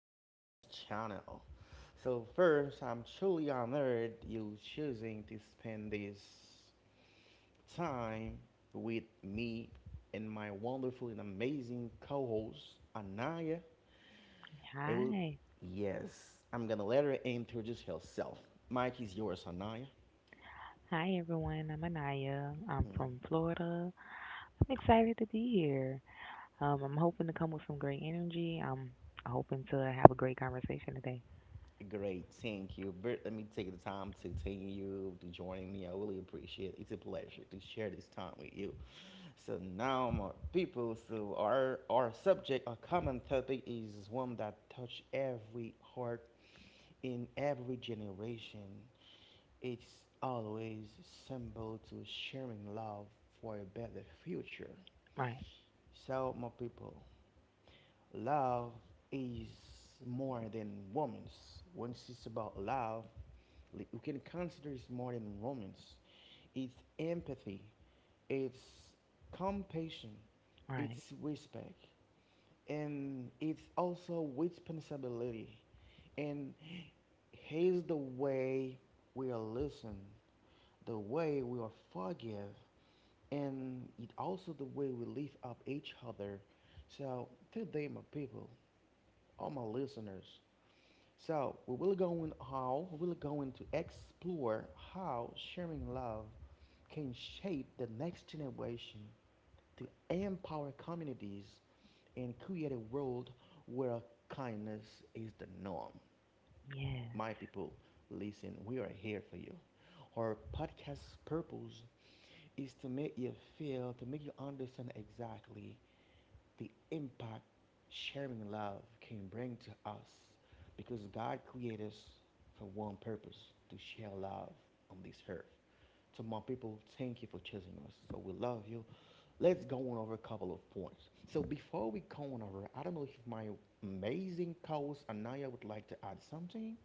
podcast channel. So, first, I'm truly honored you choosing to spend this time with me and my wonderful and amazing co host, Anaya. It will, Hi. yes, I'm gonna let her introduce herself. Mike is yours, Anaya. Hi, everyone. I'm Anaya. I'm Mm-hmm. from Florida. I'm excited to be here. I'm hoping to come with some great energy. I'm hoping to have a great conversation today. Great, thank you. Bert, let me take the time to thank you to join me. I really appreciate it. It's a pleasure to share this time with you. So now, my people, so our subject, our common topic is one that touch every heart in every generation. It's always symbol to sharing love for a better future. Right, So, my people, love is more than women's. When it's about love, like, we can consider it's more than romance. It's empathy. It's compassion. right. It's respect, and it's also responsibility. And here's the way we are listen, the way we are forgive, and it also the way we lift up each other. So today, my people, all my listeners. So we will go in how we will going to explore how sharing love can shape the next generation to empower communities and create a world where kindness is the norm. Yes. My people, listen, we are here for you. Our podcast's purpose is to make you feel, to make you understand exactly the impact sharing love can bring to us because God created us for one purpose to share love on this earth. To my people, thank you for choosing us. So we love you. Let's go on over a couple of points. So before we go on over, I don't know if my amazing co-host Anaya would like to add something.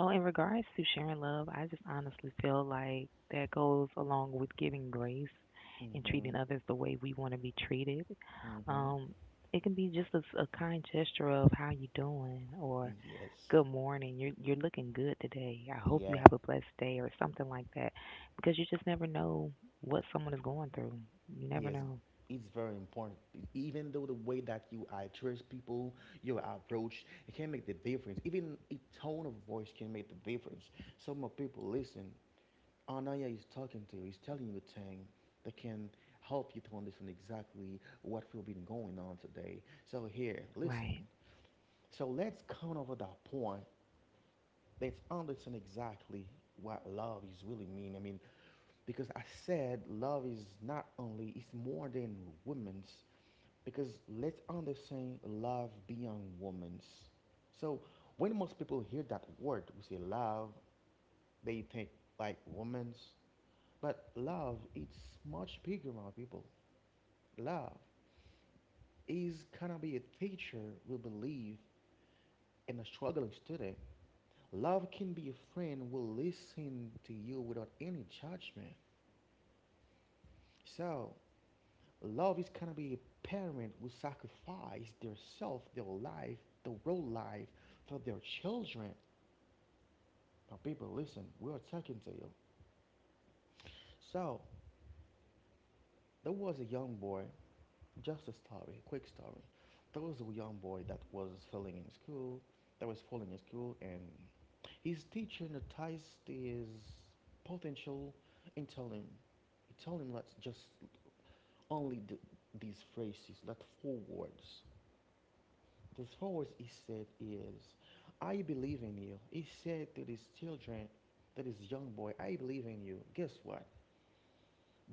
So, in regards to sharing love, I just honestly feel like that goes along with giving grace and Mm-hmm. treating others the way we want to be treated. Mm-hmm. Um, it can be just a kind gesture of how you doing or Yes. good morning, you're looking good today. I hope Yeah. you have a blessed day or something like that, because you just never know what someone is going through. You never Yes. know, It's very important. Even though the way that you address people, your approach, it can make the difference. Even a tone of voice can make the difference. So my people listen. Anaya is talking to you, he's telling you things that can help you to understand exactly what will be going on today. So here, listen. right? So let's come over that point. Let's understand exactly what love is really mean. I mean, because I said love is not only it's more than women's because let's understand love beyond women's. So when most people hear that word, we say love, they think like women's. But love it's much bigger, my people. Love is gonna be a teacher who believe in a struggling student. Love can be a friend who listen to you without any judgment. So love is gonna be a parent who sacrifice their self, their life, the real life for their children. Now people listen, we are talking to you. So there was a young boy. Just a story, a quick story. There was a young boy that was failing in school, that was falling in school, and his teacher noticed his potential and tell him, he told him let's just only these phrases, not four words. The four words he said is, I believe in you. He said to these children, to this young boy, I believe in you. Guess what?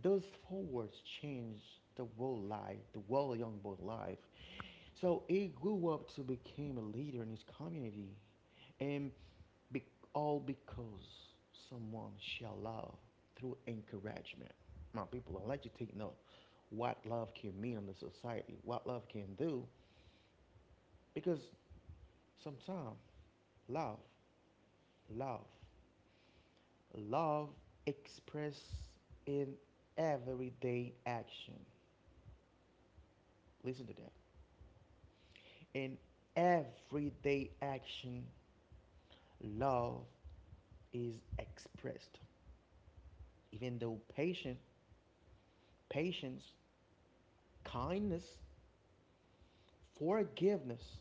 Those four words changed the world life, the world young boy life. So he grew up to become a leader in his community, and be- all because someone shall love through encouragement. My people, I'd like you to take note what love can mean in the society, what love can do, because sometimes love, love, love expressed in everyday action. Listen to that. In everyday action, love is expressed, even though patience, kindness, forgiveness.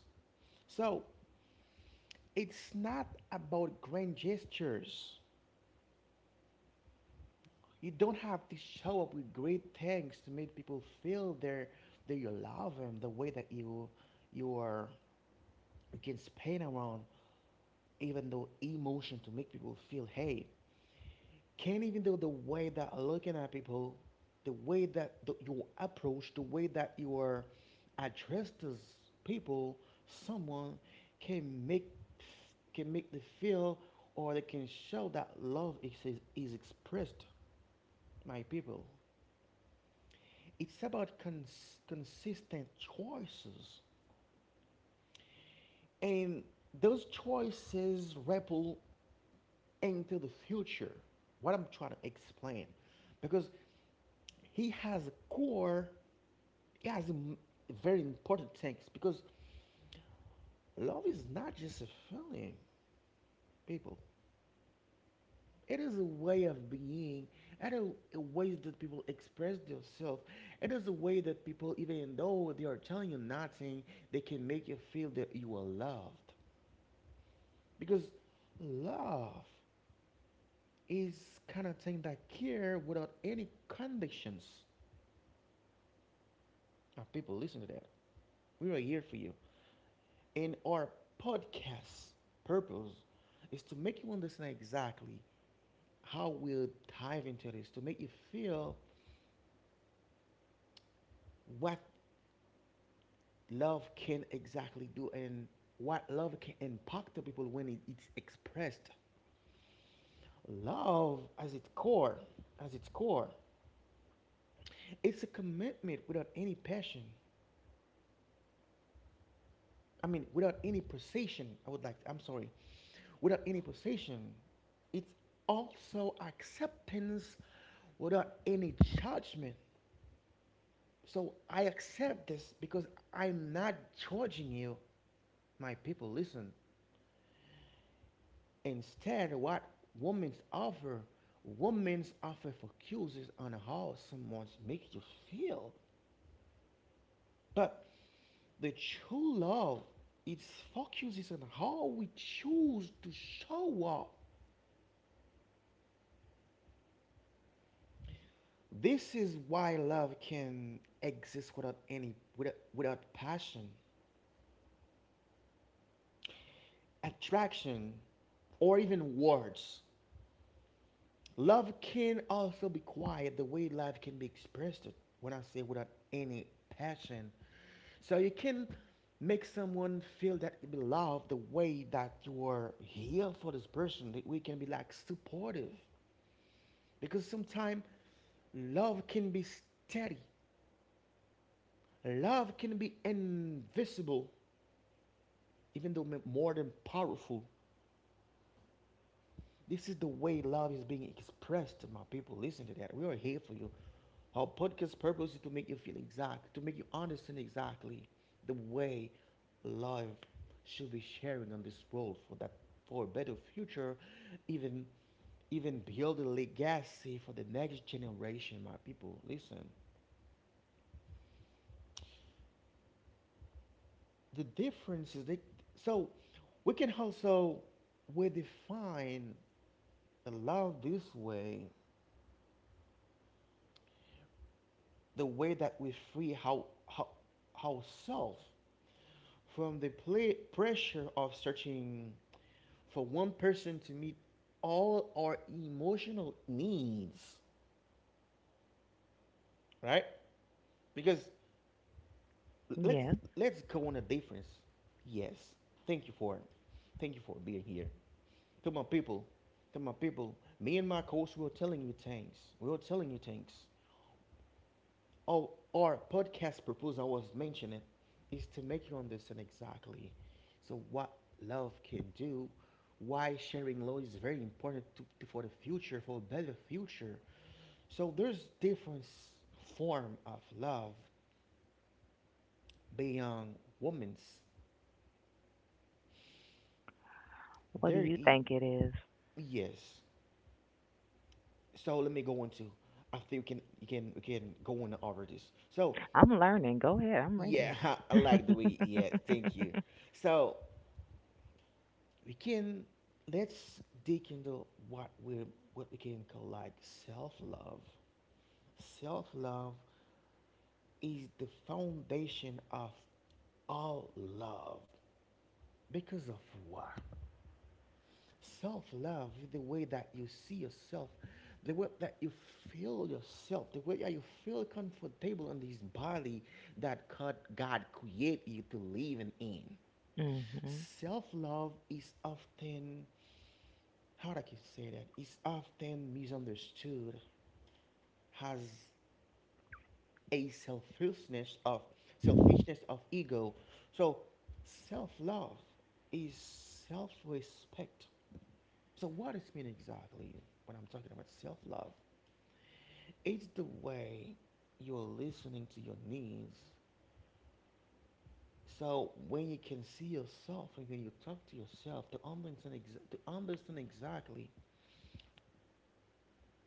So it's not about grand gestures. You don't have to show up with great things to make people feel that you love them the way that you are you can spin around even though emotion to make people feel hey. Can't even do the way that looking at people, the way that you approach, the way that you are addressed as people, someone can make, can make the feel or they can show that love is expressed, my people. It's about consistent choices, and those choices ripple into the future. What I'm trying to explain, because he has a core it has im- very important things because love is not just a feeling, people. It is a way of being, and a way that people express themselves. It is a way that people, even though they are telling you nothing, they can make you feel that you are loved. Because love is kind of thing that care without any conditions. Now, people, listen to that. We are here for you. And our podcast purpose is to make you understand exactly how we'll dive into this, to make you feel what love can exactly do and what love can impact the people when it's expressed. Love as its core, it's a commitment without any passion. I mean, without any precision, I would like, I'm sorry, without any possession. It's also acceptance without any judgment. So I accept this because I'm not judging you, my people. Listen. Instead, what women's offer, women's offer focuses on how someone makes you feel. But the true love, it focuses on how we choose to show up. This is why love can exist without any without, without passion, attraction, or even words. Love can also be quiet the way love can be expressed when I say without any passion. So you can make someone feel that you love the way that you are here for this person, that we can be like supportive. Because sometimes love can be steady, love can be invisible, even though more than powerful, this is the way love is being expressed. My people, listen to that. We are here for you. Our podcast purpose is to make you feel exact, to make you understand exactly the way love should be sharing on this world for a better future, even even build a legacy for the next generation. My people, listen. The difference is that so we can also we define the love this way the way that we free ourselves from the pla pressure of searching for one person to meet all our emotional needs, right? Because let's Yeah. let's go on a difference. Yes, thank you for thank you for being here. To my people, to my people, me and my coach, we are telling you thanks. We are telling you thanks. Oh, our podcast proposal I was mentioning is to make you understand exactly. So what love can do, why sharing love is very important for the future, for a better future. So there's different form of love beyond women's. What do There, you e- think it is? yes. So let me go into. I think we can go on over this. So I'm learning. Go ahead. I'm yeah, ready. I like the way. Yeah, thank you. So we can let's dig into what we can call like self love. Self love is the foundation of all love. Because of what? Self love is the way that you see yourself, the way that you feel yourself, the way that you feel comfortable in this body that God created you to live in. Mhm. Self love is often how I can say that it's often misunderstood as a selfishness of ego. So self-love is self-respect. So what does it mean exactly when I'm talking about self-love? It's the way you're listening to your needs. So when you can see yourself and when you talk to yourself to understand, to understand exactly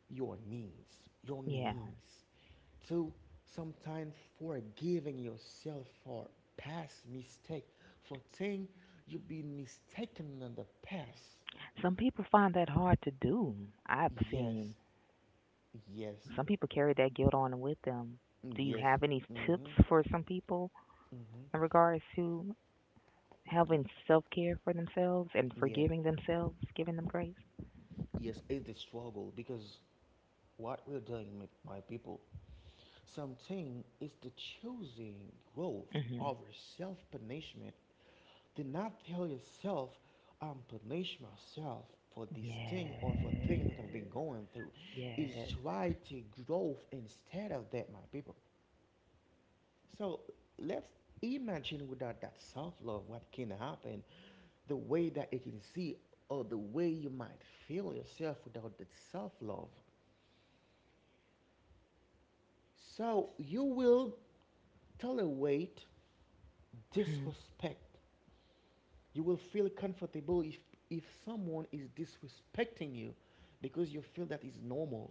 your Yeah. needs, to sometimes forgiving yourself for past mistake for thing you've been mistaken in the past. Some people find that hard to do. I've seen Yes, yes. some people carry that guilt on with them. Mm, Do you yes. have any tips Mm-hmm. for some people Mm-hmm. in regards to having self-care for themselves and Yeah, forgiving themselves, giving them grace? yes, it's the struggle because what we're doing, my people, something is the choosing growth Mhm. over self-punishment. Do not tell yourself, I'm punishing myself for this thing or for things Yes. that I've been going through. Is Yes. try to grow instead of that, my people. So let's imagine without that self love what can happen, the way that you can see, or the way you might feel yourself without that self love. So you will tolerate Mhm. disrespect. You will feel comfortable if someone is disrespecting you because you feel that is normal,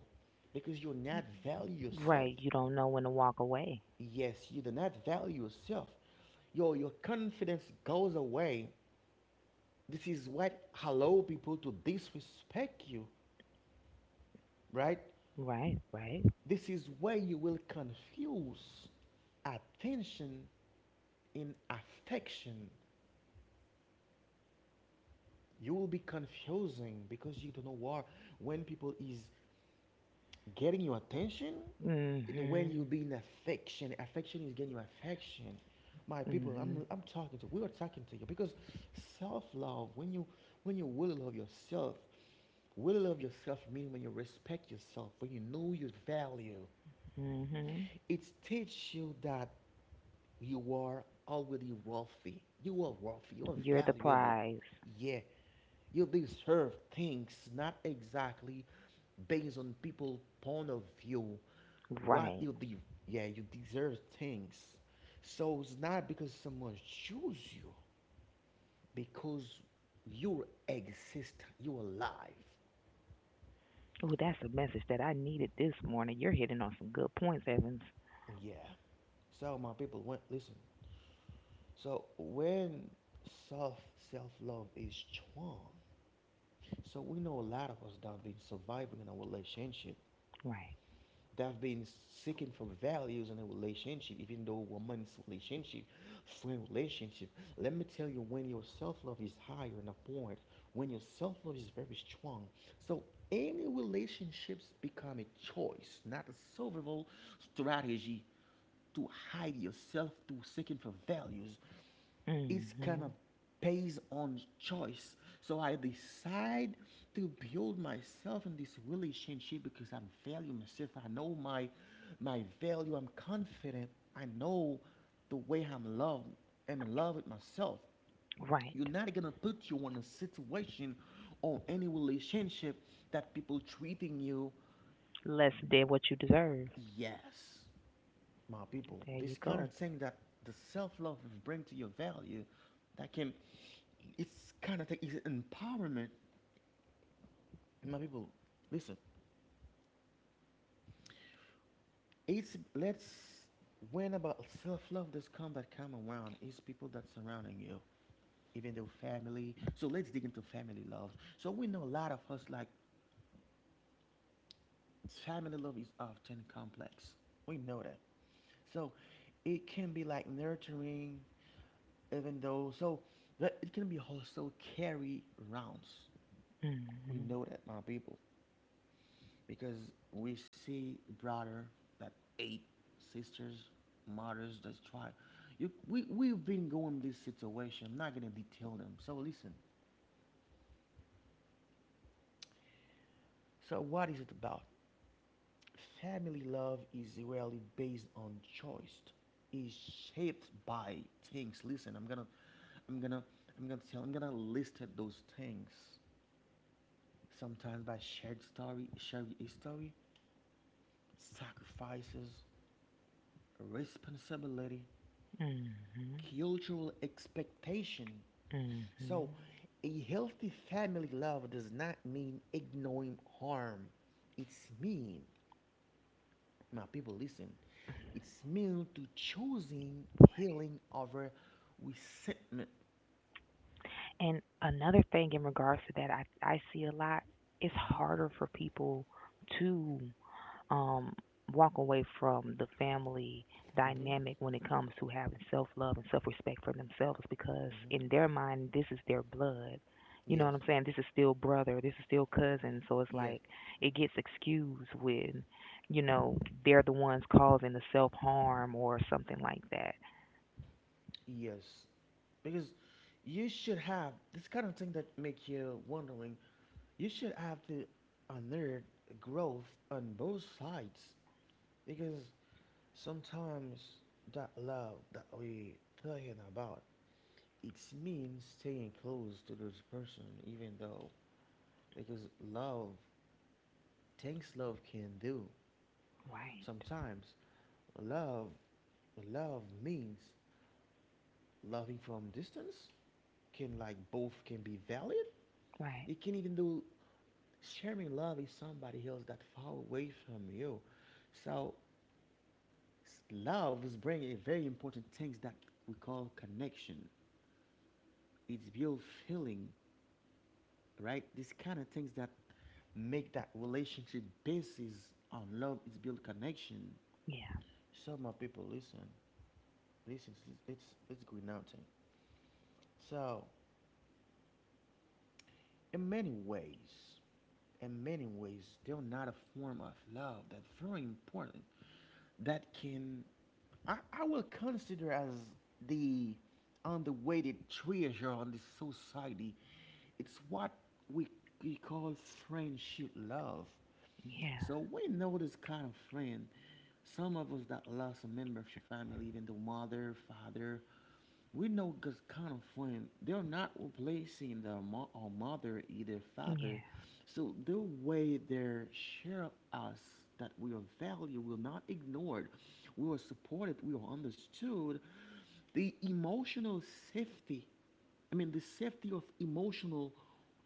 because you do not value yourself. Right, you don't know when to walk away. Yes, you do not value yourself. Your confidence goes away. This is what allow people to disrespect you, right? Right, right. This is where you will confuse attention in affection. You will be confusing because you don't know what when people is getting your attention and when you Mhm. be in affection affection is getting your affection my people Mhm. I'm talking to we are talking to you because self-love when you will love yourself meaning when you respect yourself when you know your value Mhm. it teaches you that you are already wealthy you are You're the valuable prize. yeah you deserve things not exactly based on people' point of view. What Right. you de- yeah, you deserve things. So it's not because someone choose you, because you exist, you alive. Oh, that's a message that I needed this morning. You're hitting on some good points, Evans. Yeah. So my people, when, listen. So when self self love is strong, so we know a lot of us that have been surviving in a relationship Right. that have been seeking for values in a relationship, even though woman's relationship, friend relationship. Let me tell you, when your self love is higher in a point when your self love is very strong, so any relationships become a choice, not a survival strategy to hide yourself through seeking for values it's kind of Hmm. based on choice. So I decide to build myself in this relationship because I value myself. I know my value. I'm confident. I know the way I'm loved. I'm in love with myself. You're Right. not gonna put you in a situation or any relationship that people treating you Less than what you deserve. yes my people, There you this kind go. of thing that the self-love will bring to your value, that can, it's kind of thing, it's empowerment. My people, listen, it's, let's, when about self-love does come that come around, it's people that surrounding you, even though family. So let's dig into family love. So we know a lot of us like family love is often complex. We know that. So it can be like nurturing, even though, so but it can be also carry rounds. We Hmm. know that, my people, because we see brother that eight sisters, mothers that try. You, we, we've been going this situation. I'm not going to detail them. So listen. So what is it about? Family love is rarely based on choice. Is shaped by things. Listen, I'm gonna, I'm gonna list those things. Sometimes by shared story, shared history, sacrifices, responsibility, Hmm. cultural expectation. So, Hmm. a healthy family love does not mean ignoring harm. It's mean my people, listen. It's meant to choosing healing over resentment. And another thing in regards to that, I see a lot. It's hmm harder for people to um, walk away from the family hmm dynamic when it comes to having self love and self respect for themselves because hmm in their mind this is their blood. You know Yes, what I'm saying? This is still brother, this is still cousin, so it's yes, like it gets excused when, you know, they're the ones causing the self harm or something like that. yes. Because you should have this kind of thing that make you wondering. You should have to honor growth on both sides because sometimes that love that we talking about it means staying close to this person even though because love things love can do. Right. Sometimes love love means loving from distance can like both can be valid. Right. It can even do sharing love with somebody else that far away from you. So love is bringing a very important things that we call connection. It's built feeling, right? These kind of things that make that relationship basis on love. It's built connection. Yeah. Some of people listen. This is it's good nothing. So in many ways, in many ways, they're not a form of love that's very important. That can I will consider as the underweighted treasure on the society. It's what we, we call friendship love. Yeah. So we know this kind of friend. Some of us that lost a member of your family, even the mother, father, we know this kind of friend. They're not replacing their mo- or mother, either father. Yeah. So the way they share us that we are valued, we're not ignored, we are supported, we are understood. The emotional safety I mean, the safety of emotional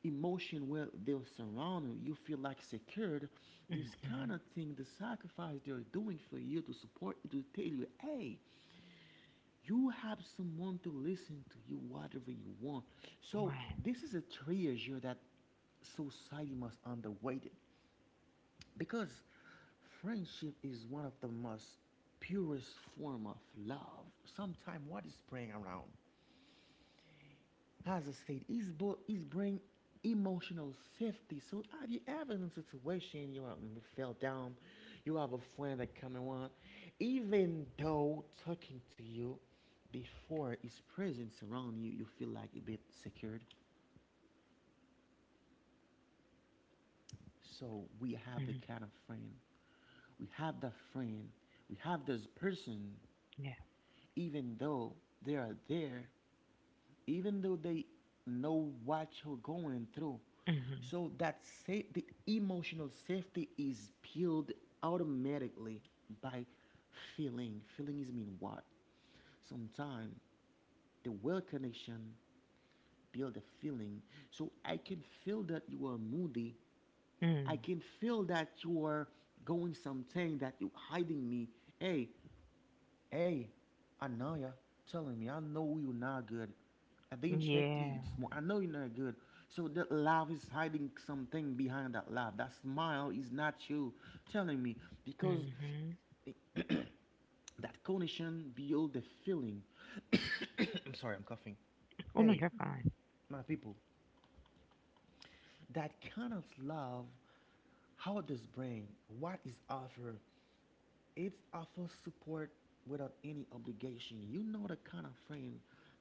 emotion where they're surrounded, you feel like secured. This kind of thing, the sacrifice they're doing for you to support you, to tell you, hey, you have someone to listen to you, whatever you want. So Right. this is a treasure that society must underweight it because friendship is one of the most purest form of love. Sometimes what is playing around? As I said, it's bring emotional safety. So have you ever in a situation you, are, you fell down, you have a friend that coming on, even though talking to you before his presence around you, you feel like a bit secured. So we have the Mm. kind of friend, we have that friend, we have this person, Yeah. even though they are there even though they know what you're going through. Mhm. So that sa- the emotional safety is built automatically by feeling. Feeling is mean what? Sometimes the well connection build a feeling. So I can feel that you are moody. I Mm. can feel that you are going something that you hiding me. Hey, Hey, I know y'all telling me. I know you're not good. I didn't check the Yeah. this morning. I know you're not good. So that laugh is hiding something behind that laugh. That smile is not you telling me because Mhm. that condition build the feeling. I'm sorry, I'm coughing. Oh no, Hey, you're fine. my people, that kind of love, how does brain? What is offer? It offers support without any obligation. You know the kind of friend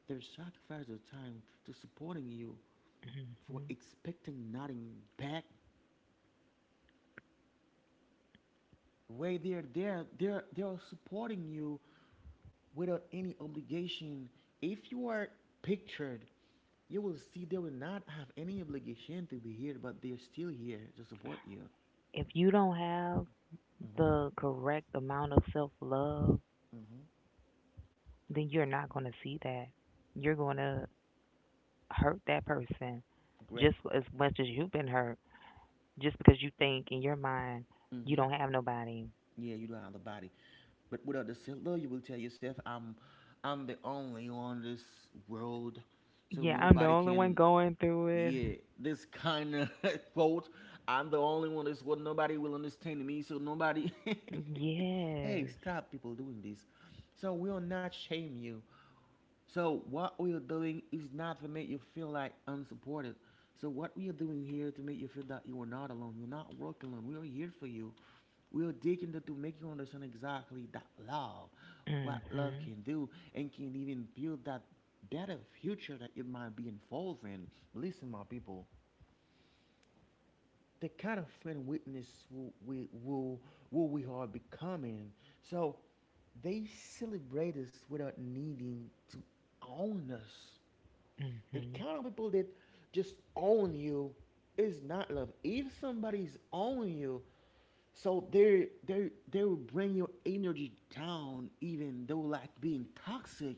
that sacrifice their time to supporting you for Mhm. expecting nothing back. Way they're there, they're supporting you without any obligation. If you are pictured, you will see they will not have any obligation to be here, but they're still here to support you. If you don't have Mm-hmm. the correct amount of self love, Mm-hmm. then you're not going to see that. You're going to hurt that person Great. just as much as you've been hurt, just because you think in your mind you Mm-hmm. don't have nobody. Yeah, you don't have the body. But without the self love, you will tell yourself, I'm the only on this world, so Yeah, I'm the nobody only one can. going through it. Yeah, this kind of quote, I'm the only one in this world. Nobody will understand me, so nobody. hey, Yes. stop people doing this. So we will not shame you. So what we are doing is not to make you feel like unsupported. So what we are doing here to make you feel that you are not alone. You're not working alone. We are here for you. We are digging to make you understand exactly that love, what love Mhm. can do, and can even build that better future that it might be involved in. Listen, my people the kind of friend witness will we are becoming. So they celebrate us without needing to own us. The Mhm. kind of people that just own you is not love. If somebody's own you, so they will bring your energy down, even though like being toxic,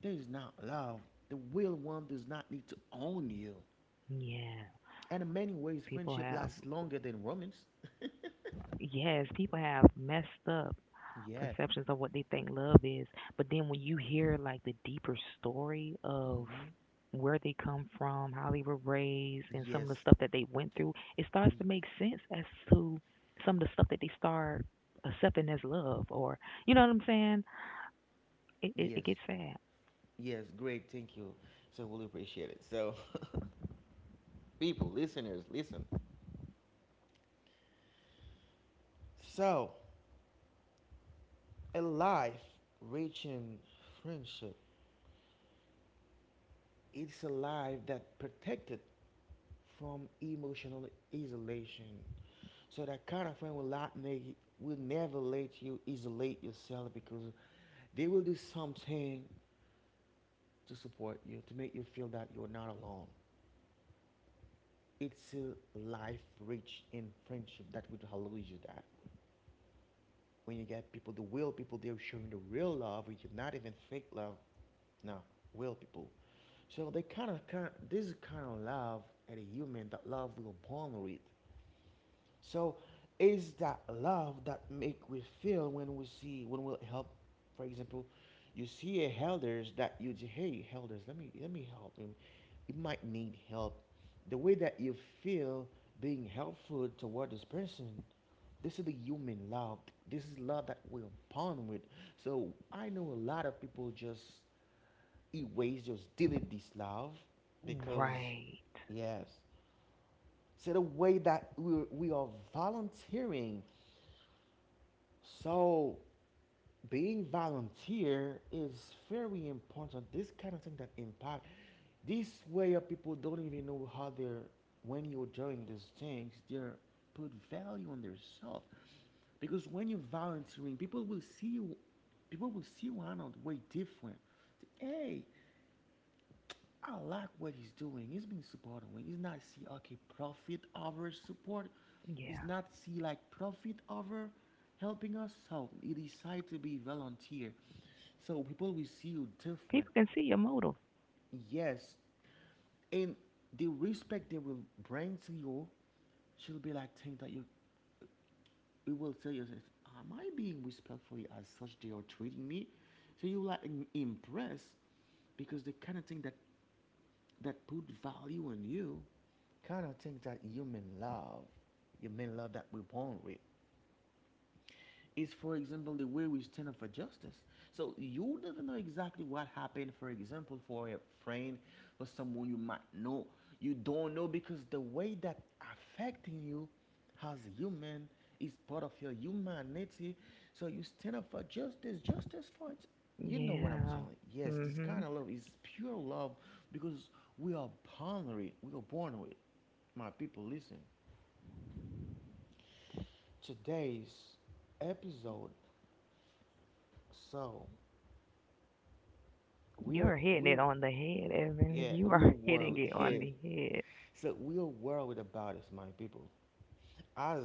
there is not love. The real one does not need to own you. Yeah. And in many ways, People friendship have lasts longer than romance. yes, people have messed up Yeah. perceptions of what they think love is. But then when you hear like the deeper story of Mm-hmm. where they come from, how they were raised, and some of Yes, the stuff that they went through, it starts to make sense as to some of the stuff that they start accepting as love, or you know what I'm saying? It yes, gets sad, yes. Great. Thank you. So really appreciate it. So, people, listeners, listen. So, a life rich in friendship. It's a life that protected from emotional isolation. So that kind of friend will not make will never let you isolate yourself because they will do something to support you to make you feel that you're not alone. It's a life rich in friendship that would allow you that. When you get people, the real people, they're showing the real love, which is not even fake love. No, real people. So they kind of, this kind of love at a human that love will bond with. So is that love that make we feel when we see when we help for example you see a elders that you say, hey elders let me help him he might need help the way that you feel being helpful toward this person this is the human love this is love that we're born with so I know a lot of people just erase just delete this love because right? yes so the way that we are volunteering so being volunteer is very important. This kind of thing that impact. This way of people don't even know how they're when you're doing these things, they're put value on themselves. Because when you're volunteering, people will see you around way different. Say, hey, I like what he's doing. He's been supporting me. He's not see okay profit over support. He's Yeah, not see like profit over helping us. So he decide to be volunteer. So people will see you different. people can see your motive. Yes, and the respect they will bring to you, she'll be like think that you. You will tell yourself, am I being respectful as such they are treating me? So you like im- impressed because the kind of thing that that put value on you kind of thing that you may love that we're born with is, for example, the way we stand up for justice. So you never know exactly what happened, for example, for a friend or someone you might know. You don't know because the way that affecting you as a human is part of your humanity. So you stand up for justice, justice for it. You know what I'm Yeah. telling you. Yes, this Mhm. kind of love is pure love because we are born with it. We are born with it. My people, listen. Today's episode. So We're You're hitting it we're on the head, Evans. yeah, You we're are hitting worried it on yeah. the head. So we're worried about it, my people. As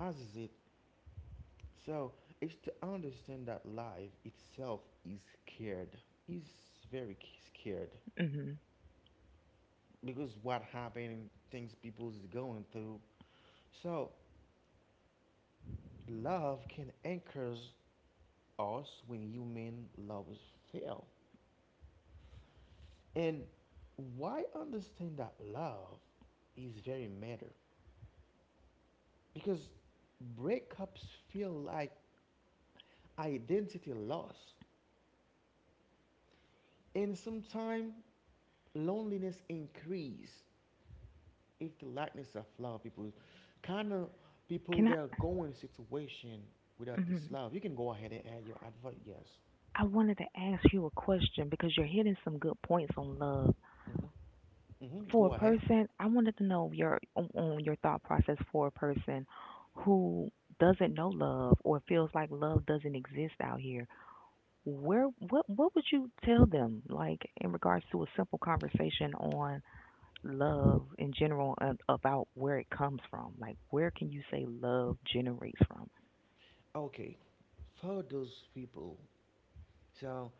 as is it so it's to understand that life itself is scared. Is very k- scared Mhm. because what happened, things people is going through. So love can anchor us when human loves fail. And why understand that love is very matter because breakups feel like identity loss and sometimes loneliness increase if the lackness of love people kind of people Can they are I? going situation without this Mhm. love you can go ahead and add your advert. Yes. I wanted to ask you a question because you're hitting some good points on love. Hmm hmm For a go ahead. person, I wanted to know your on your thought process for a person who doesn't know love or feels like love doesn't exist out here. Where what would you tell them like in regards to a simple conversation on love in general and about where it comes from? Like where can you say love generates from? Okay, for those people, so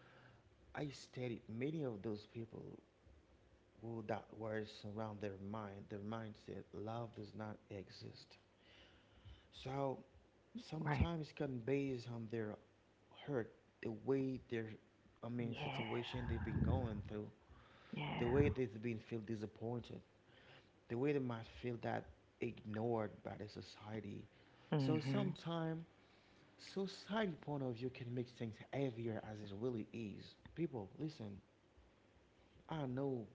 I studied many of those people who that words around their mind their mindset love does not exist. So Right. sometimes can based on their hurt, the way their, I mean, Yeah. situation they've been going through, the way Yeah. they've been feel disappointed, the way they might feel that ignored by the society. So Mhm. sometimes society point of view can make things heavier as it really is. People, listen, I know,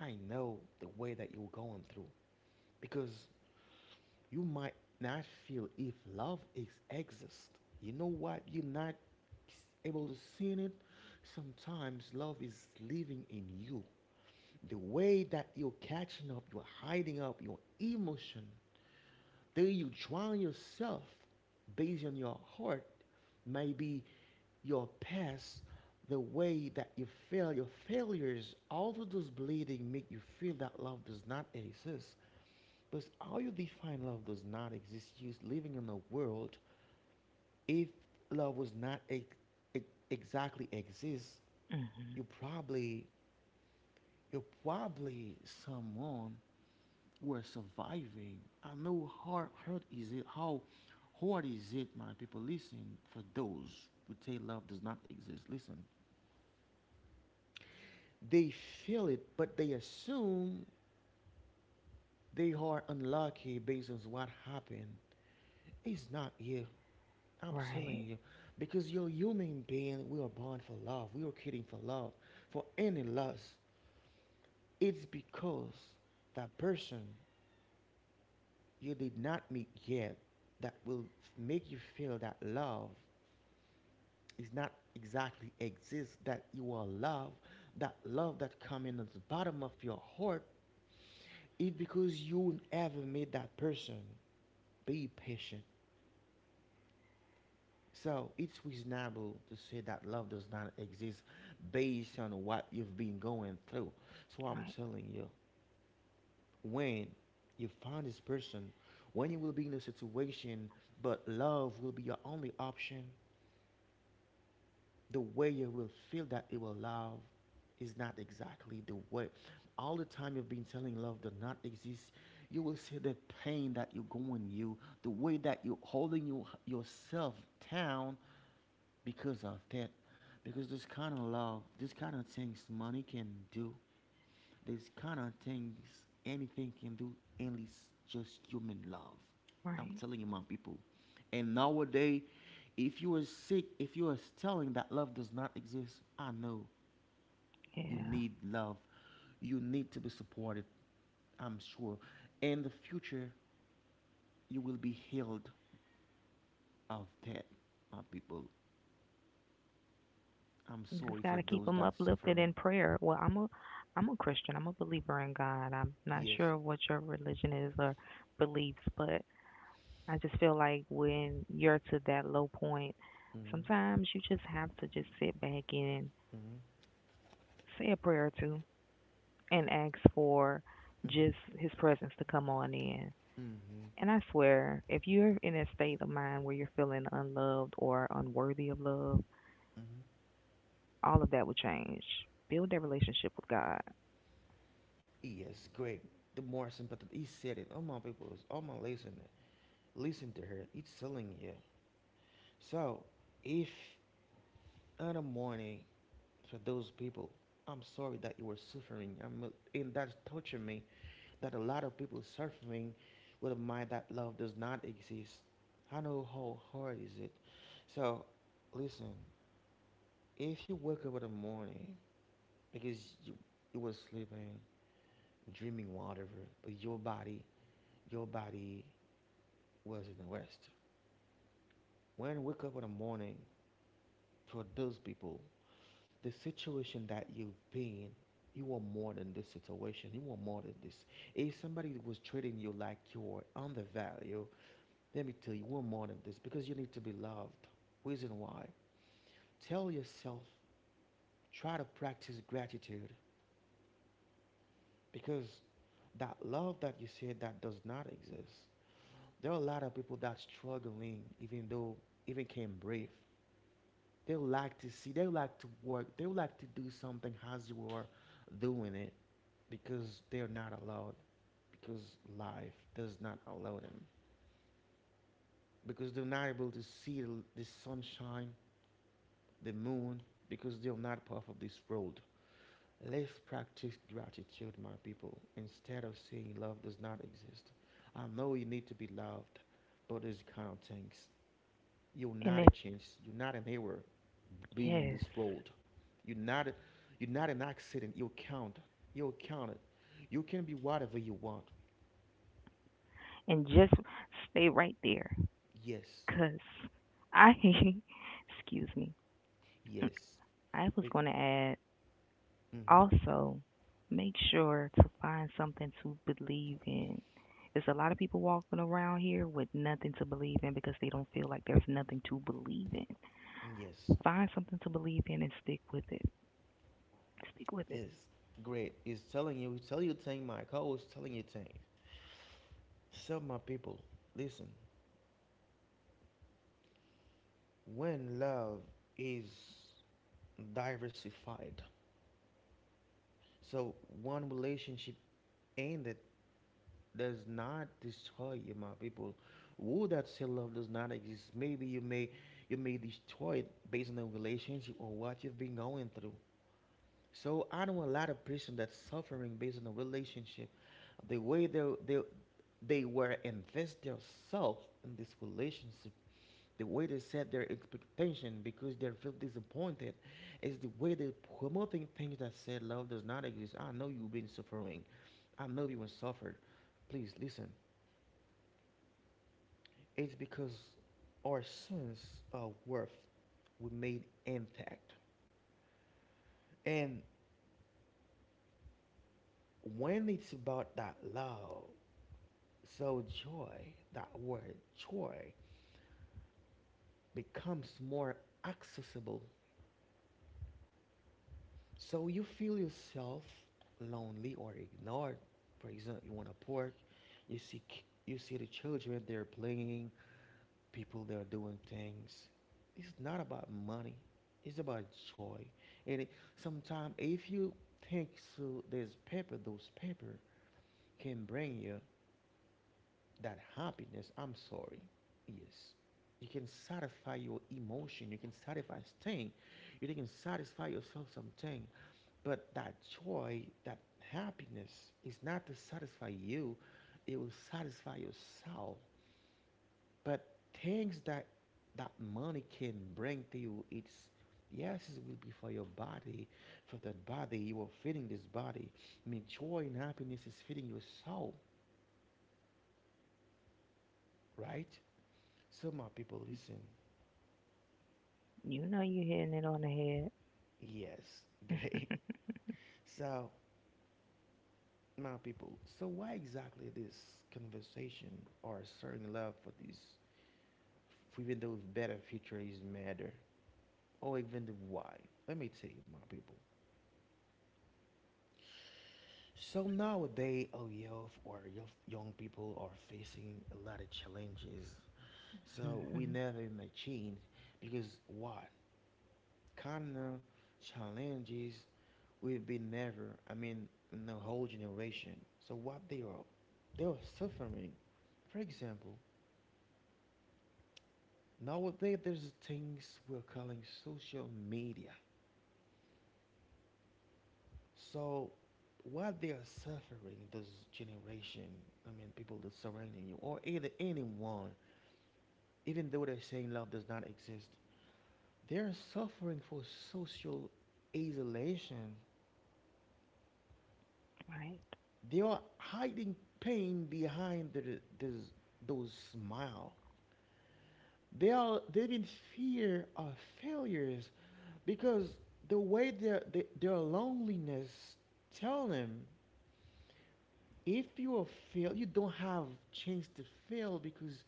I know the way that you're going through because you might not feel if love is exist. You know what? You're not able to see it. Sometimes love is living in you. The way that you're catching up, you're hiding up your emotion. Then you drown yourself based on your heart. Maybe your past, the way that you fail, your failures, all of those bleeding make you feel that love does not exist. Because how you define love does not exist. You're living in a world. If love was not ex- ex- exactly exists, Mhm. you probably you're probably someone who are surviving. I know how hard is it. How hard is it, my people? Listen for those who say love does not exist. Listen, they feel it, but they assume they are unlucky based on what happened. It's not here. I'm telling Right. you, because you're human being, we are born for love. We are created for love, for any lust. It's because that person you did not meet yet that will make you feel that love is not exactly exists. That you are love that comes in at the bottom of your heart. It's because you never met that person. Be patient. So it's reasonable to say that love does not exist based on what you've been going through. So I'm Right. telling you, when you find this person, when you will be in a situation, but love will be your only option, the way you will feel that you will love is not exactly the way. All the time you've been telling love does not exist, you will see the pain that you're going you, the way that you're holding you, yourself down because of that because this kind of love this kind of things money can do this kind of things anything can do and it's just human love. I'm Right. telling you, my people, and nowadays if you are sick, if you are telling that love does not exist, I know you Yeah. need love, you need to be supported. I'm sure in the future you will be healed of that, my people. I'm You just sorry got for to keep those them that uplifted suffering. in prayer. Well, I'm a Christian. I'm a believer in God. I'm not Yes. sure what your religion is or beliefs, but I just feel like when you're to that low point, hmm sometimes you just have to just sit back and Mm-hmm, say a prayer or two and ask for just mm-hmm, his presence to come on in. mm-hmm, And I swear, if you're in a state of mind where you're feeling unloved or unworthy of love, mm-hmm. all of that will change. Build that relationship with God. Yes, great. The more sympathetic. He said it. All my people, all my listener, listen to her. It's selling you. So, if in the morning for those people, I'm sorry that you were suffering. I'm and that's touching me. That a lot of people suffering with a mind that love does not exist. I know how hard is it. So, listen. If you wake up in the morning because you you were sleeping, dreaming whatever, but your body was in the rest. When you wake up in the morning, for those people, the situation that you've been, you are more than this situation. You are more than this. If somebody was treating you like you're undervalued, let me tell you, you are more than this because you need to be loved. Reason why? Tell yourself, try to practice gratitude because that love that you said that does not exist. There are a lot of people that struggling, even though even can breathe. They would like to see. They would like to work. They would like to do something as you are doing it because they're not allowed. Because life does not allow them. Because they're not able to see the sunshine, the moon. Because they're not part of this world. Let's practice gratitude, my people, instead of saying love does not exist. I know you need to be loved, but these kind of things. You're And not a if, chance. You're not an error being on yes, this road. You're not. A, you're not an accident. You count. You counted. You can be whatever you want. and just stay right there. Yes. Because I, excuse me, Yes. I was Be- going to add mhm. also make sure to find something to believe in. There's a lot of people walking around here with nothing to believe in because they don't feel like there's nothing to believe in. Yes. Find something to believe in and stick with it. Stick with it. Yes. Great. He's telling you. He's telling you thing. My co-host is telling you thing. So my people, listen. When love is diversified, so one relationship ended does not destroy you, my people. Woe that self-love does not exist. Maybe you may destroy it based on the relationship or what you've been going through. So I know a lot of person that's suffering based on the relationship, the way they they were invest themselves in this relationship, the way they set their expectation because they feel disappointed, is the way they promoting things that said love does not exist. I know you've been suffering. I know you will suffer. Please listen. It's because our sense of worth we made intact. And when it's about that love, so joy, that word joy, becomes more accessible. So you feel yourself lonely or ignored. For example, you want to park, you see you see the children they're playing, people that are doing things. It's not about money. It's about joy. And sometimes if you think so, there's paper, those paper can bring you that happiness. I'm sorry. Yes. You can satisfy your emotion. You can satisfy thing. You can satisfy yourself something. But that joy, that happiness is not to satisfy you. It will satisfy your soul. But things that money can bring to you, it's yes, it will be for your body, for that body. You are feeding this body. I mean, joy and happiness is feeding your soul, right? So, my people, listen. You know you're hitting it on the Yes, great. head. So, my people, so why exactly this conversation or sharing love for this, for even though better future is matter, or even the why? Let me tell you, my people. So nowadays, our youth, young people are facing a lot of challenges. So we never in a change because what kind of challenges we've been never? I mean, in the whole generation. So what they are suffering. For example, nowadays there's things we're calling social media. So what they are suffering, this generation, I mean, people that surrounding you or either anyone even though they're saying love does not exist, they are suffering for social isolation. Right? They are hiding pain behind the, this, those smile. They are they in fear of failures because the way their loneliness tell them if you are fail you don't have chance to fail because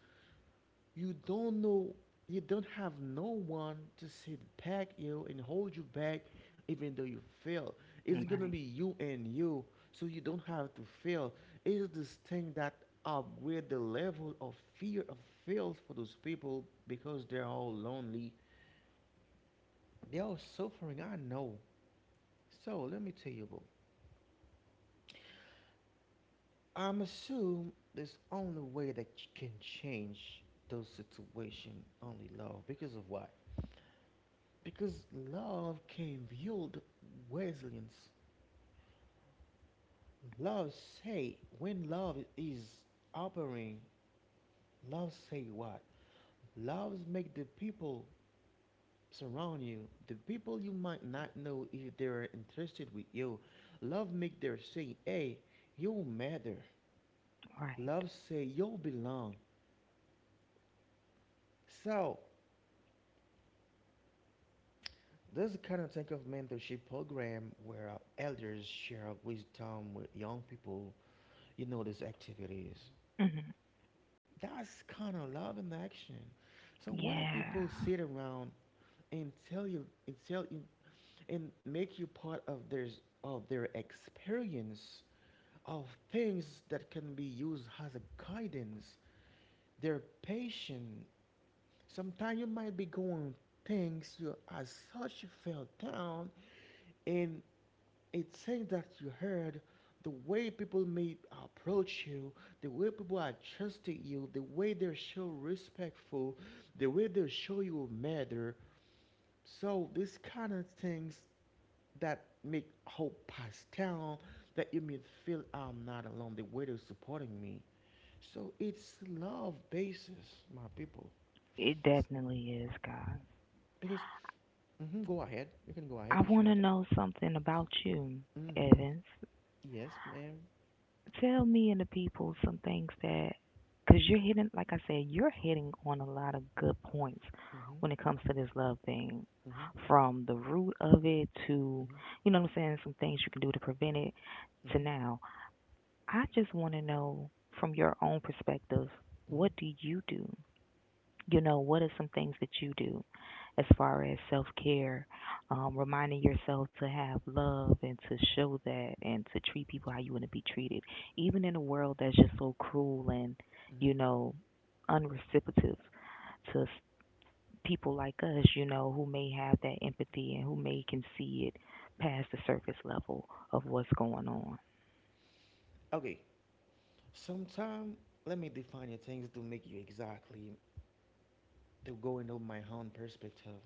you don't know, you don't have no one to sit back you and hold you back, even though you fail. It's gonna Right, be you and you, so you don't have to fail. It's this thing that upgrade the level of fear of fails for those people because they're all lonely. They are all suffering. I know. So let me tell you, bro. I'm assume there's only way that you can change those situation only love because of what. Because love can build resilience. Love say when love is operating, love say what? Love make the people surround you, the people you might not know if they are interested with you. Love make their say, hey, you matter. right. Love say you belong. So this kind of type of mentorship program where elders share wisdom with young people. You know these activities. Hmm. That's kind of love in action. So when do Yeah, people sit around and tell you and make you part of their experience of things that can be used as a guidance, their patient. Sometimes you might be going things you as such you fell down and it's things that you heard, the way people may approach you, the way people are trusting you, the way they show respectful, the way they show you matter. So these kind of things that make hope pass down, that you may feel I'm not alone, the way they're supporting me. So it's love basis, my people. it S- definitely is, guys. Because go ahead, you can go ahead I if you want to want to. know something about you, Mm-hmm. Evans. Yes, ma'am. Tell me and the people some things that, because you're hitting, like I said, you're hitting on a lot of good points Mm-hmm. when it comes to this love thing. Mm-hmm. From the root of it to, Mm-hmm. you know what I'm saying, some things you can do to prevent it to Mm-hmm. now. I just want to know from your own perspective, hmm what do you do? You know, what are some things that you do as far as self care, reminding yourself to have love and to show that and to treat people how you want to be treated, even in a world that's just so cruel and, you hmm know, unreciprocative to people like us, you know, who may have that empathy and who may can see it past the surface level of what's going on. Okay. Sometime, let me define your things to make you exactly to go into my own perspective.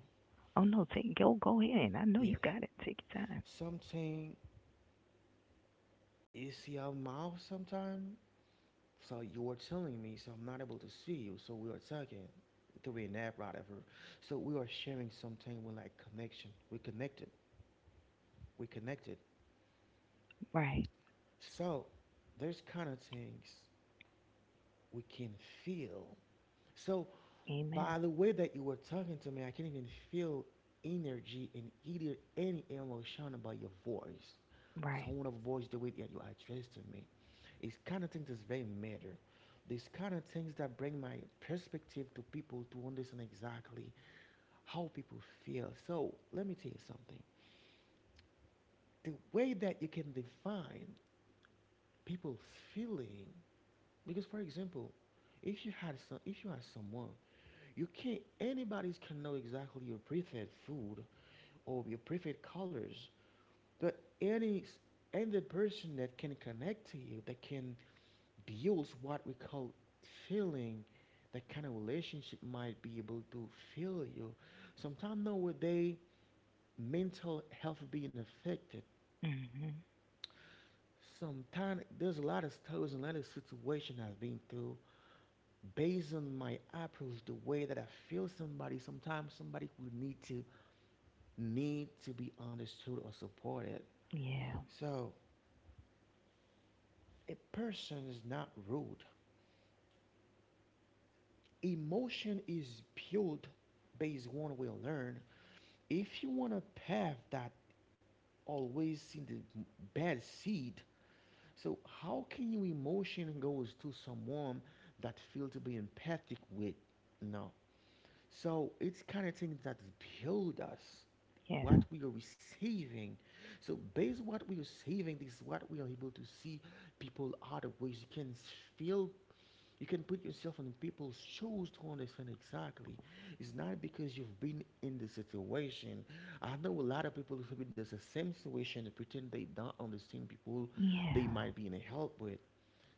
Oh no, take go ahead. I know you Yes. got it. Take your time. Something you see a mouth sometime. So you were telling me, so I'm not able to see you. So we are talking through an app, whatever. So we are sharing something with like connection. We connected. We connected. Right. So there's kind of things we can feel. So Amen. by the way that you were talking to me, I can not even feel energy and either any emotion about your voice, Right. tone of voice, the way that you address to me. It's kind of things that's very matter. These kind of things that bring my perspective to people to understand exactly how people feel. So let me tell you something. The way that you can define people's feeling, because for example, if you had someone. You can't. Anybody can know exactly your preferred food or your preferred colors. But any person that can connect to you, that can build what we call feeling, that kind of relationship might be able to feel you. Sometimes nowadays, mental health being affected. Mhm. Sometimes there's a lot of stories and a lot of situations I've been through. Based on my approach, the way that I feel somebody, sometimes somebody will need to be understood or supported. Yeah. So, a person is not rude. Emotion is built based on what we learn. If you want a path that always see the bad seed, so how can your emotion goes to someone that feel to be empathic with? No, so it's kind of things that build us, Yeah. what we are receiving. So based on what we are receiving, this is what we are able to see people other ways. Feel, you can put yourself in people's shoes to understand exactly. It's not because you've been in the situation. I know a lot of people who've been in the same situation and pretend they don't understand people Yeah. they might be in help with.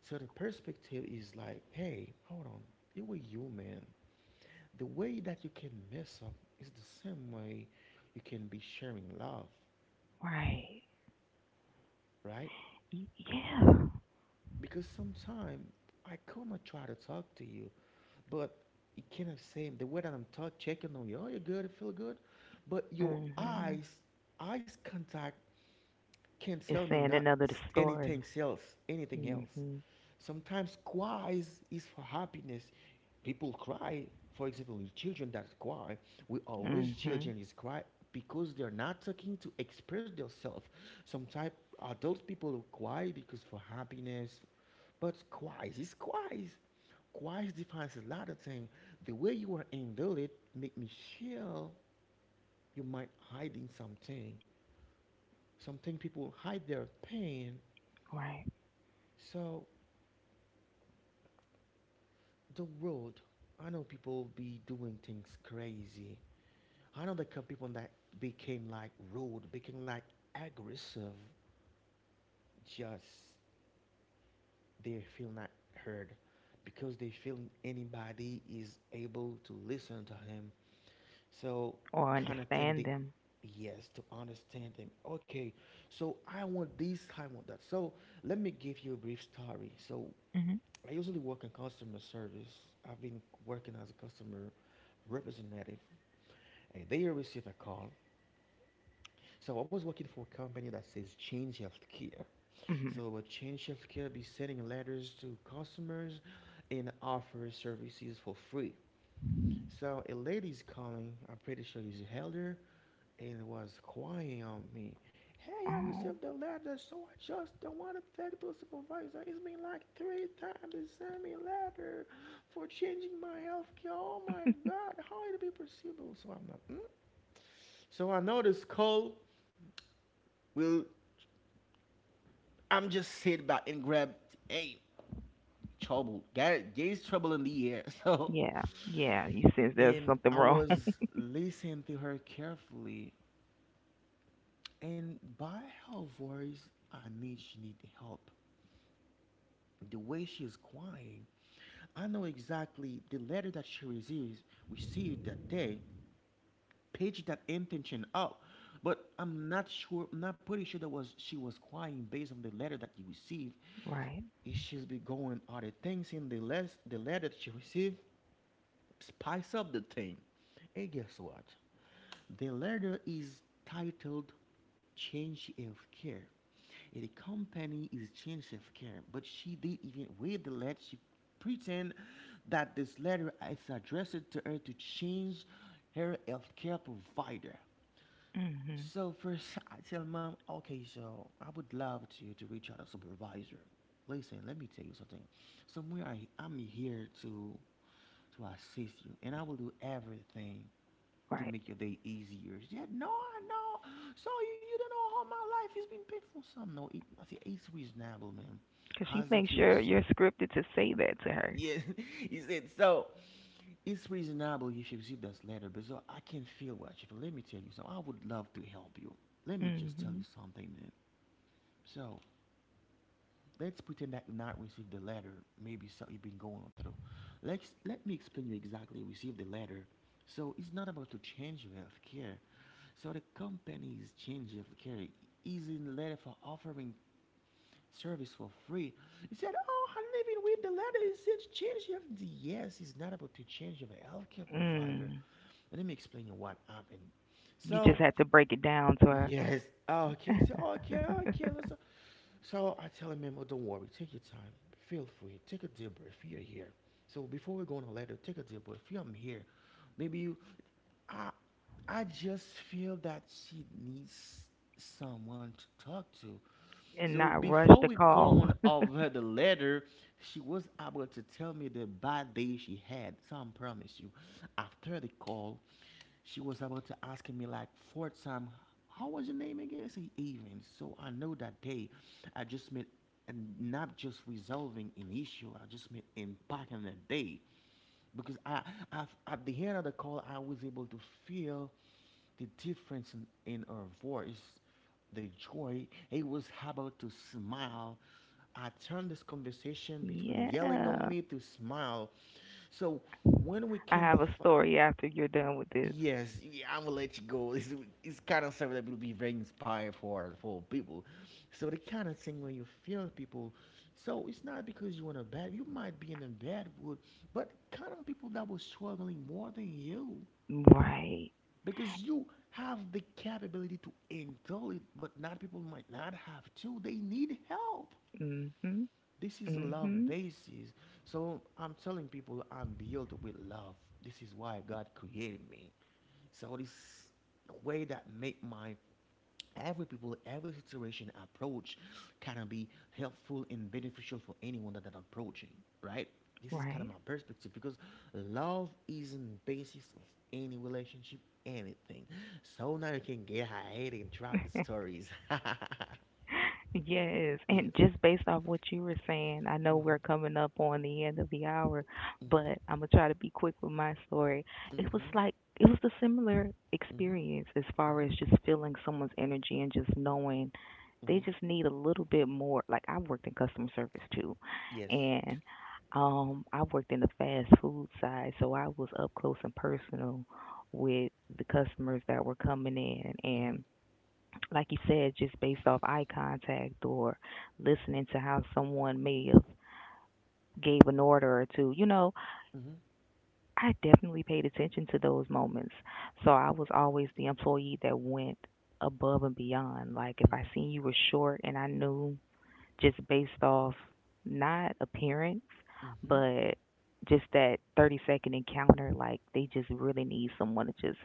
So the perspective is like, hey, hold on, you were human. The way that you can mess up is the same way you can be sharing love, Right. right? Y- Yeah. Because sometimes I could not try to talk to you, but you cannot say the way that I'm talk checking on you, oh, you're good, you feel good, but your Mhm. eyes, eyes contact can't sell It's me saying not another story. anything else, anything else. Mhm. Sometimes cry is for happiness. People cry, for example, in children that cry, we always Mhm. children is cry because they're not talking to express themselves. Sometimes adult people who cry because for happiness, but cries is cries. Cries defines a lot of things. The way you are handle it make me feel you might hiding something. Something people hide their pain, Right. so the world, I know people be doing things crazy. I know the cou- people that became like rude, became like aggressive, just they feel not heard because they feel anybody is able to listen to him. So Or kind of thing they, understand them. yes, to understand them. Okay, so I want this, I want that. So let me give you a brief story. So Mhm. I usually work in customer service. I've been working as a customer representative, and they received a call. So I was working for a company that says Change Healthcare. Mhm. So Change Healthcare be sending letters to customers and offer services for free. So a lady's calling. I'm pretty sure he's elder, and was crying on me. Hey, I received Oh. the letter, so I just don't want to thank the supervisor. It's been like three times they sent me a letter for changing my health care. Oh my God, how it be possible? So I'm not. Mm? So I know this call will. I'm just sit back and grab. Hey, trouble. There's trouble in the air. So, Yeah. Yeah. You sense there's and something I wrong. was listening to her carefully. And by her voice, I knew she needed help. The way she is crying, I know exactly the letter that she received, received that day, paged that intention out. But I'm not sure, I'm not pretty sure that was she was crying based on the letter that you received. Right. It she's be going other things in the less the letter that she received spice up the thing. And guess what? The letter is titled Change of Care. And the company is Change of Care. But she did even with the letter, she pretend that this letter is addressed to her to change her health care provider. Mhm. So first, I tell mom, okay, so I would love to reach out a supervisor. Listen, let me tell you something. Somewhere I'm here to assist you, and I will do everything to Right. make your day easier. She said, no, I know. So you don't know how my life has been painful. Some no, it, I say it's reasonable, man. Because she As of thinks you you're receive, you're scripted to say that to her. yes, he said, so it's reasonable you should receive this letter, but so I can feel what you feel. Let me tell you something. I would love to help you. Let me just tell you Mhm. something, man. So let's pretend that you not received the letter. Maybe so you've been going through. Let's let me explain you exactly. Receive the letter. So it's not about to change your health care. So the company is changing health care. Is in letter for offering service for free. He said, oh, I live in with the letter. It says change your, yes, it's not about to change your healthcare provider. Mm. Let me explain you what happened. You just So, have to break it down to her yes, oh, okay. He said, oh, okay, okay, listen. So I tell him, "Memo, don't worry, take your time. Feel free. Take a deep breath. You're here. So before we go on a letter, take a deep breath. I'm here. Maybe you, I I just feel that she needs someone to talk to. and So not rush before the we call. going over the letter, she was able to tell me the bad day she had. So I promise you, after the call, she was able to ask me like four times, "How was your name again?" I say Even. So I know that day, I just meant and not just resolving an issue. I just meant impacting the day because I at the end of the call I was able to feel the difference in her voice, the joy. It was about to smile. I turned this conversation between yelling on Yeah. me to smile. So when we I can have a defi- story after you're done with this. yes, y- I'm gonna let you go. It's kind of something that will be very inspiring for people. So the kind of thing where you feel people. So it's not because you're in a bad. You might be in a bad mood, but kind of people that were struggling more than you, Right. because you have the capability to endure it, but not people might not have to. They need help. Mhm. This is a love Mhm. basis. So I'm telling people I'm built with love. This is why God created me. So this way that make my every people, every situation approach kind of be helpful and beneficial for anyone that I'm approaching, right? This is kind of Right. my perspective because love isn't the basis of any relationship, anything. So now you can get ahead and drop the stories. Yes, Yes. and just based off what you were saying, I know Mm-hmm. we're coming up on the end of the hour, Mm-hmm. but I'm gonna try to be quick with my story. It was Mm-hmm. like it was a similar Mm-hmm. experience as far Mm-hmm. as just feeling someone's energy and just knowing they just Mm-hmm. need a little bit more. Like I worked in customer service too, Yes. and I worked in the fast food side, so I was up close and personal with the customers that were coming Mm-hmm. in, like you said, just based off eye contact or listening to how someone may have gave an order or two. You know, Mm-hmm. I definitely paid attention to those moments. So I was always the employee that went above and beyond. Like if I seen you were short and I knew just based off not appearance, Mm-hmm. Mm-hmm. but just that 30-second encounter. Like, they just really need someone to just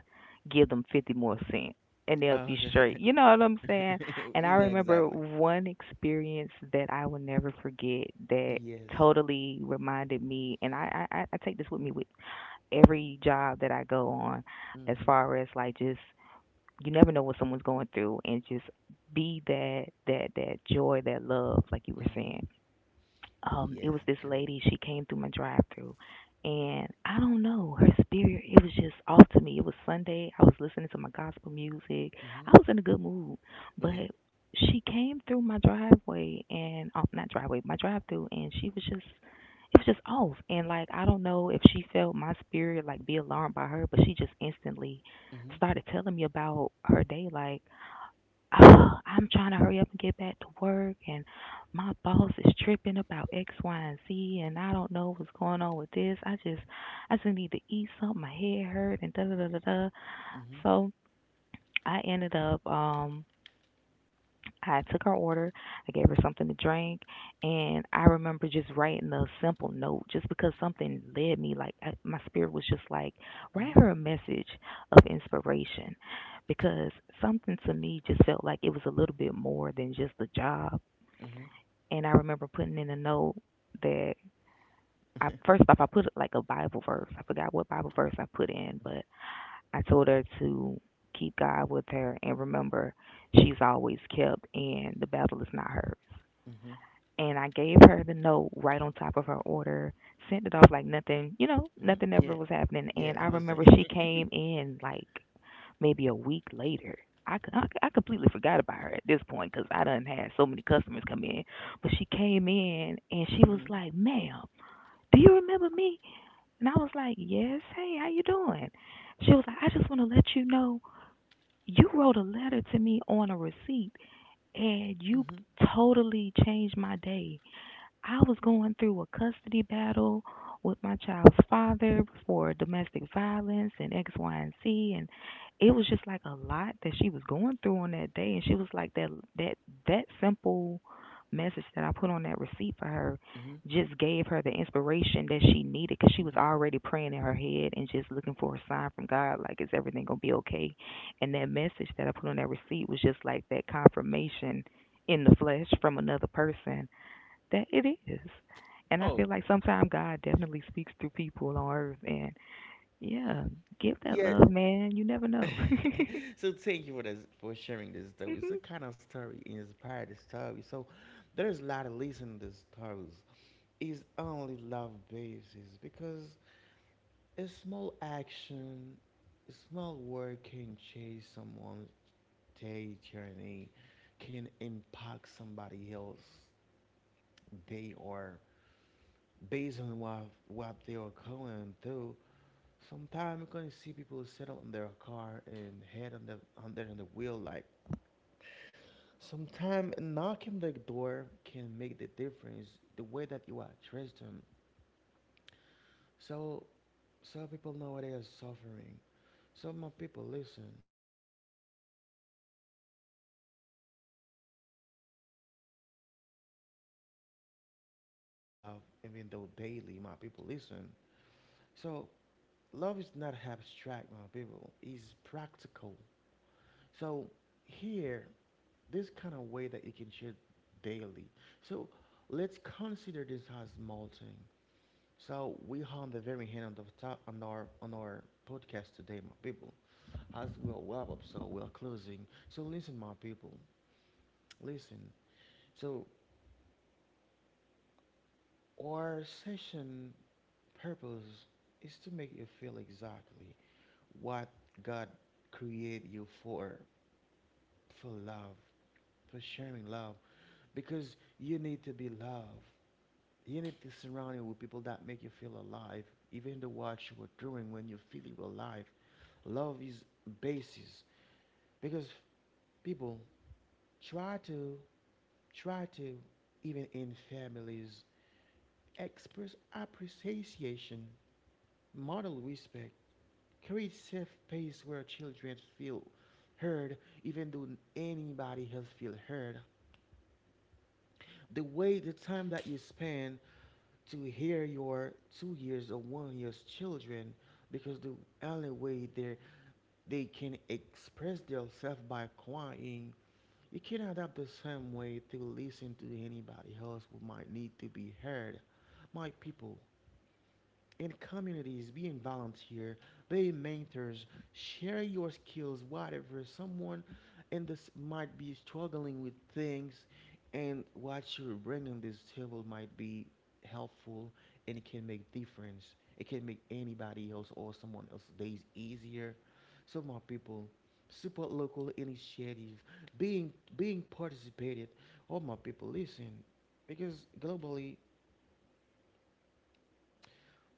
give them 50 more cents and they'll be straight. You know what I'm saying? Okay. And You I know remember exactly. one experience that I will never forget that Yes. totally reminded me and I take this with me with every job that I go on as Mm-hmm. far as like just you never know what someone's going through and just be that joy that love like you were Mm-hmm. saying it Yes, was this great. lady she came through my drive through and I don't know her spirit it was just off to me it was sunday I was listening to my gospel music I was Mm-hmm. in a good mood Okay. but she came through my driveway and oh, not driveway my drive through and she was just it was just off and like I don't know if she felt my spirit like be alarmed by her but she just instantly Mm-hmm. started telling me about her day like I'm trying to hurry up and get back to work, and my boss is tripping about X, Y, and Z, and I don't know what's going on with this. I just need to eat something. My head hurt, and da da da da da. Mm-hmm. So I ended up, I took her order, I gave her something to drink, and I remember just writing a simple note just because something led me. Like, I, my spirit was just like, write Mm-hmm. her a message of inspiration because something to me just felt like it was a little bit more than just a job. Mm-hmm. And I remember putting in a note that. I, first off, I put like a Bible verse. I forgot what Bible verse I put in, but I told her to keep God with her and remember she's always kept and the battle is not hers Mm-hmm. and I gave her the note right on top of her order, sent it off like nothing, you know, Mm-hmm. nothing Yeah. ever was happening. Yeah, And I I remember understand. she came in like maybe a week later. I completely forgot about her at this point because I done had so many customers come in. But she came in and she was Mm-hmm. like, ma'am, do you remember me? And I was like, yes, hey, how you doing? She was like, I just want to let you know you wrote a letter to me on a receipt and you Mm-hmm. totally changed my day I was going through a custody battle with my child's father for domestic violence and X, Y, and Z, and it was just like a lot that she was going through on that day. And she was like that that simple message that I put on that receipt for her Mm-hmm. just gave her the inspiration that she needed because she was Mm-hmm. already praying in her head and just looking for a sign from God, like is everything gonna be okay? And that message that I put on that receipt was just like that confirmation in the flesh from another person that it is. And I feel Oh, like sometimes God definitely speaks through people on earth. And yeah, give that yeah. love, man. You never know. So thank you for sharing this story. It's a Mhm. kind of story inspired the story. So there's a lot of listening to stories is only love basis because a small action, a small word can change someone's day journey, can impact somebody else day or based on what they are going through. Sometimes you're gonna see people settle in their car and head on the on their on the wheel like sometimes knocking the door can make the difference the way that you address them. So some people nowadays are suffering. Some more people listen, listen. It's not hard saying the kind of things that you can be, you can ways they can share love even though daily. My people listen. So love is not abstract, my people. It's practical. So here, this kind of way that you can share daily. So let's consider this as molting. So we are on the very end of the top on our podcast today, my people. As we are wrap up, so we're closing. So listen, my people, listen. So our session purpose is to make you feel exactly what God created you for love, for sharing love, because you need to be loved. You need to surround you with people that make you feel alive, even the what you were doing when you feel you were alive. Love is basis because people try to, Try to, even in families, express appreciation, model respect, create safe space where children feel heard, even though anybody else feel heard. The way the time that you spend to hear your 2 years or 1 years children, because the only way they can express themselves by crying. You can adapt the same way to listen to anybody else who might need to be heard. My people, in communities, being volunteer, being mentors, share your skills, whatever. Someone in this might be struggling with things, and what you're bringing this table might be helpful, and it can make difference. It can make anybody else or someone else's days easier. So my people, support local initiative, being participated. All my people, listen, because globally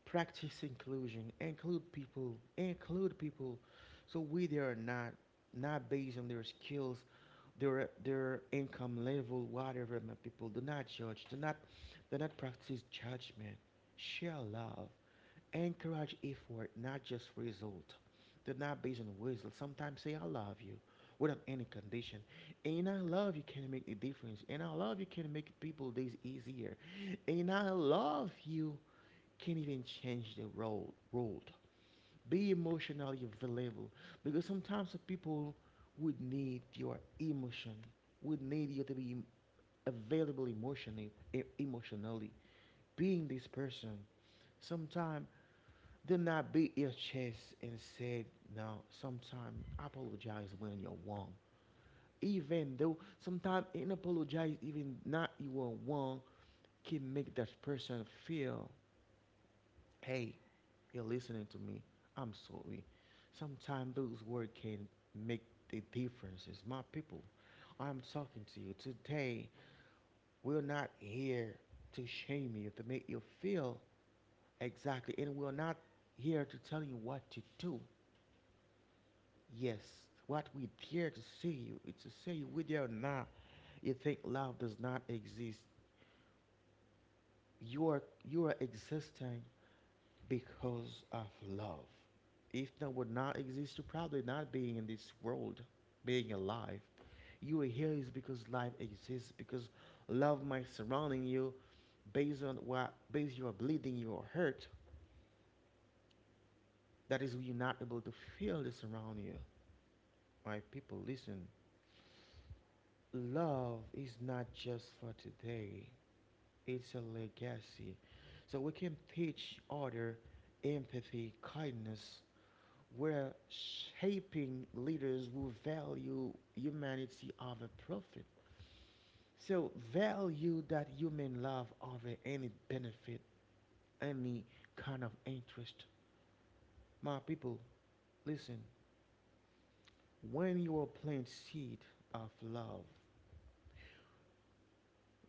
practice inclusion include people so we they are not not based on their skills their income level whatever my people do not judge do not practice judgment, share love, encourage effort not just result, do not based on result. Sometimes say I love you without any condition, and I love you can make a difference, and I love you can make people days easier, and I love you can't even change the road. Road. Be emotionally available because sometimes the people would need your emotion, would need you to be available emotionally. Emotionally, being this person, sometimes do not beat your chest and said no. Sometimes apologize when you're wrong. Even though sometimes in apologize, even not you are wrong, can make that person feel hey, you're listening to me. I'm sorry. Sometimes those words can make the differences. My people, I'm talking to you today. We're not here to shame you, to make you feel exactly, and we're not here to tell you what to do. Yes, what we dare to say you is to say you whether or not you think love does not exist. You are you are existing because of love. If that would not exist, you probably not being in this world, being alive. You are here is because life exists, because love might surrounding you based on what based you are bleeding, you are hurt. That is why you're not able to feel this around you. My people listen. Love is not just for today. It's a legacy. So we can teach other empathy, kindness. We're shaping leaders who value humanity over profit. So value that human love over any benefit, any kind of interest. My people, listen. When you are planting seed of love,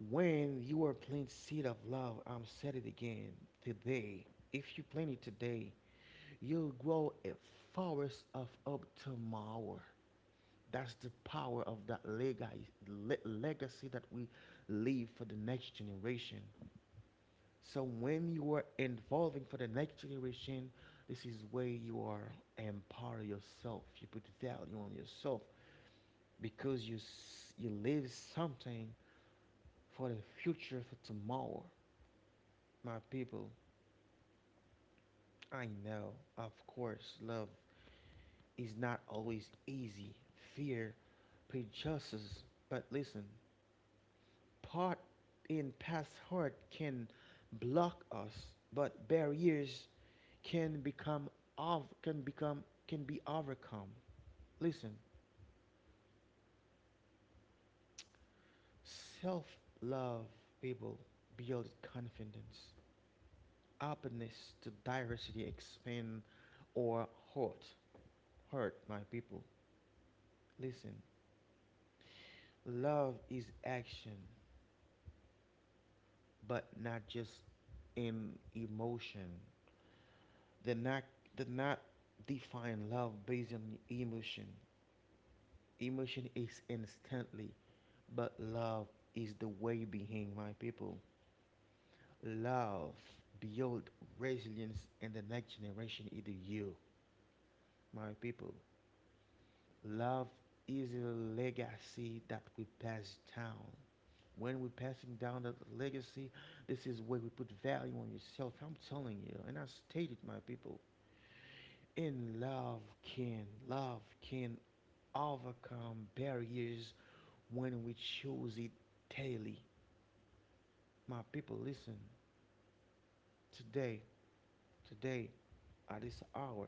when you are planting seed of love, I'm said it again today. If you plant it today, you'll grow a forest of hope tomorrow. That's the power of that legacy that we leave for the next generation. So when you are involving for the next generation, this is where you are empower yourself. You put value on yourself because you leave something for the future for tomorrow. My people, I know, of course, love is not always easy. Fear, prejudices, but listen, part in past hurt can block us, but barriers can become can become can be overcome. Listen, self love people build confidence, openness to diversity, expand or hurt. Hurt my people. Listen, love is action, but not just in emotion. They not they not define love based on emotion. Emotion is instantly, but love is the way behind my people. Love build resilience and the next generation is you, my people. Love is a legacy that we pass down. When we're passing down that legacy, this is where we put value on yourself. I'm telling you, and I stated my people. In love can overcome barriers when we choose it daily. My people, listen. Today, today, at this hour,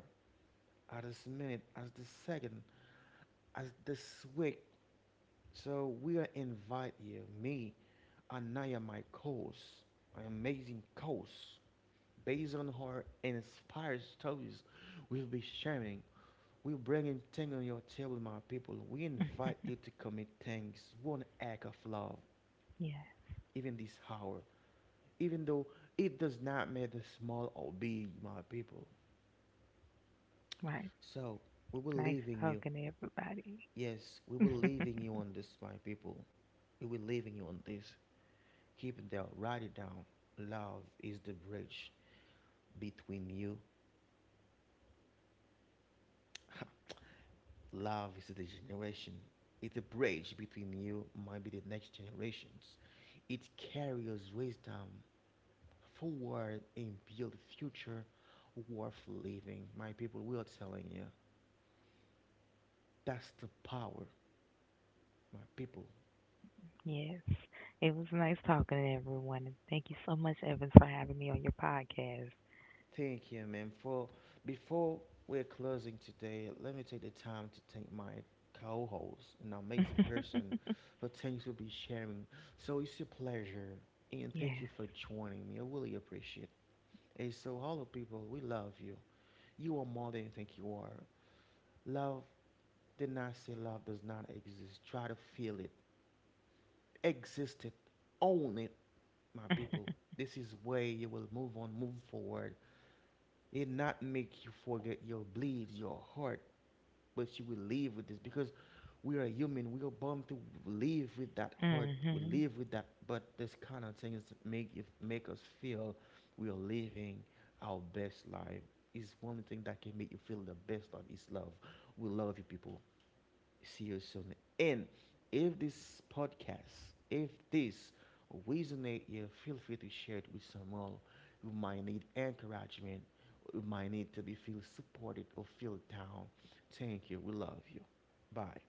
at this minute, at this second, at this week. So we are invite you, me, Anaya, my course, my amazing course, based on her inspired stories. We'll be sharing. We're bringing things on your table, my people. We invite you to commit things, one act of love, Yeah, even this hour. Even though it does not matter small or big, my people. right. So we will Nice leaving you. talking to everybody. Yes, we will leaving you on this, my people. We will leaving you on this. Keep it down. Write it down. Love is the bridge between you. Love is the generation. It's a bridge between you, might be the next generations. It carries wisdom forward and build future worth living. My people, we are telling you, that's the power. My people, Yes, it was nice talking to everyone. And thank you so much, Evans, for having me on your podcast. thank you, man. For before we're closing today, let me take the time to thank my co-host, an amazing person, for thanks for be sharing. So it's a pleasure, and thank Yes. you for joining me. I really appreciate. And so, hello, people. We love you. You are more than you think you are. Love did not say love does not exist. Try to feel it. Exist it. Own it, my people. This is where you will move on, move forward. It not make you forget your beliefs, your heart, but you will live with this because we are human. We are born to live with that heart. Mm. We live Hmm. with that, but this kind of thing is make it make us feel we are living our best life. Is one thing that can make you feel the best life is love. We love you people. See you soon. And if this podcast, if this resonate you, feel free to share it with someone who might need encouragement, who might need to be feel supported or feel down. Thank you. We love you. Bye.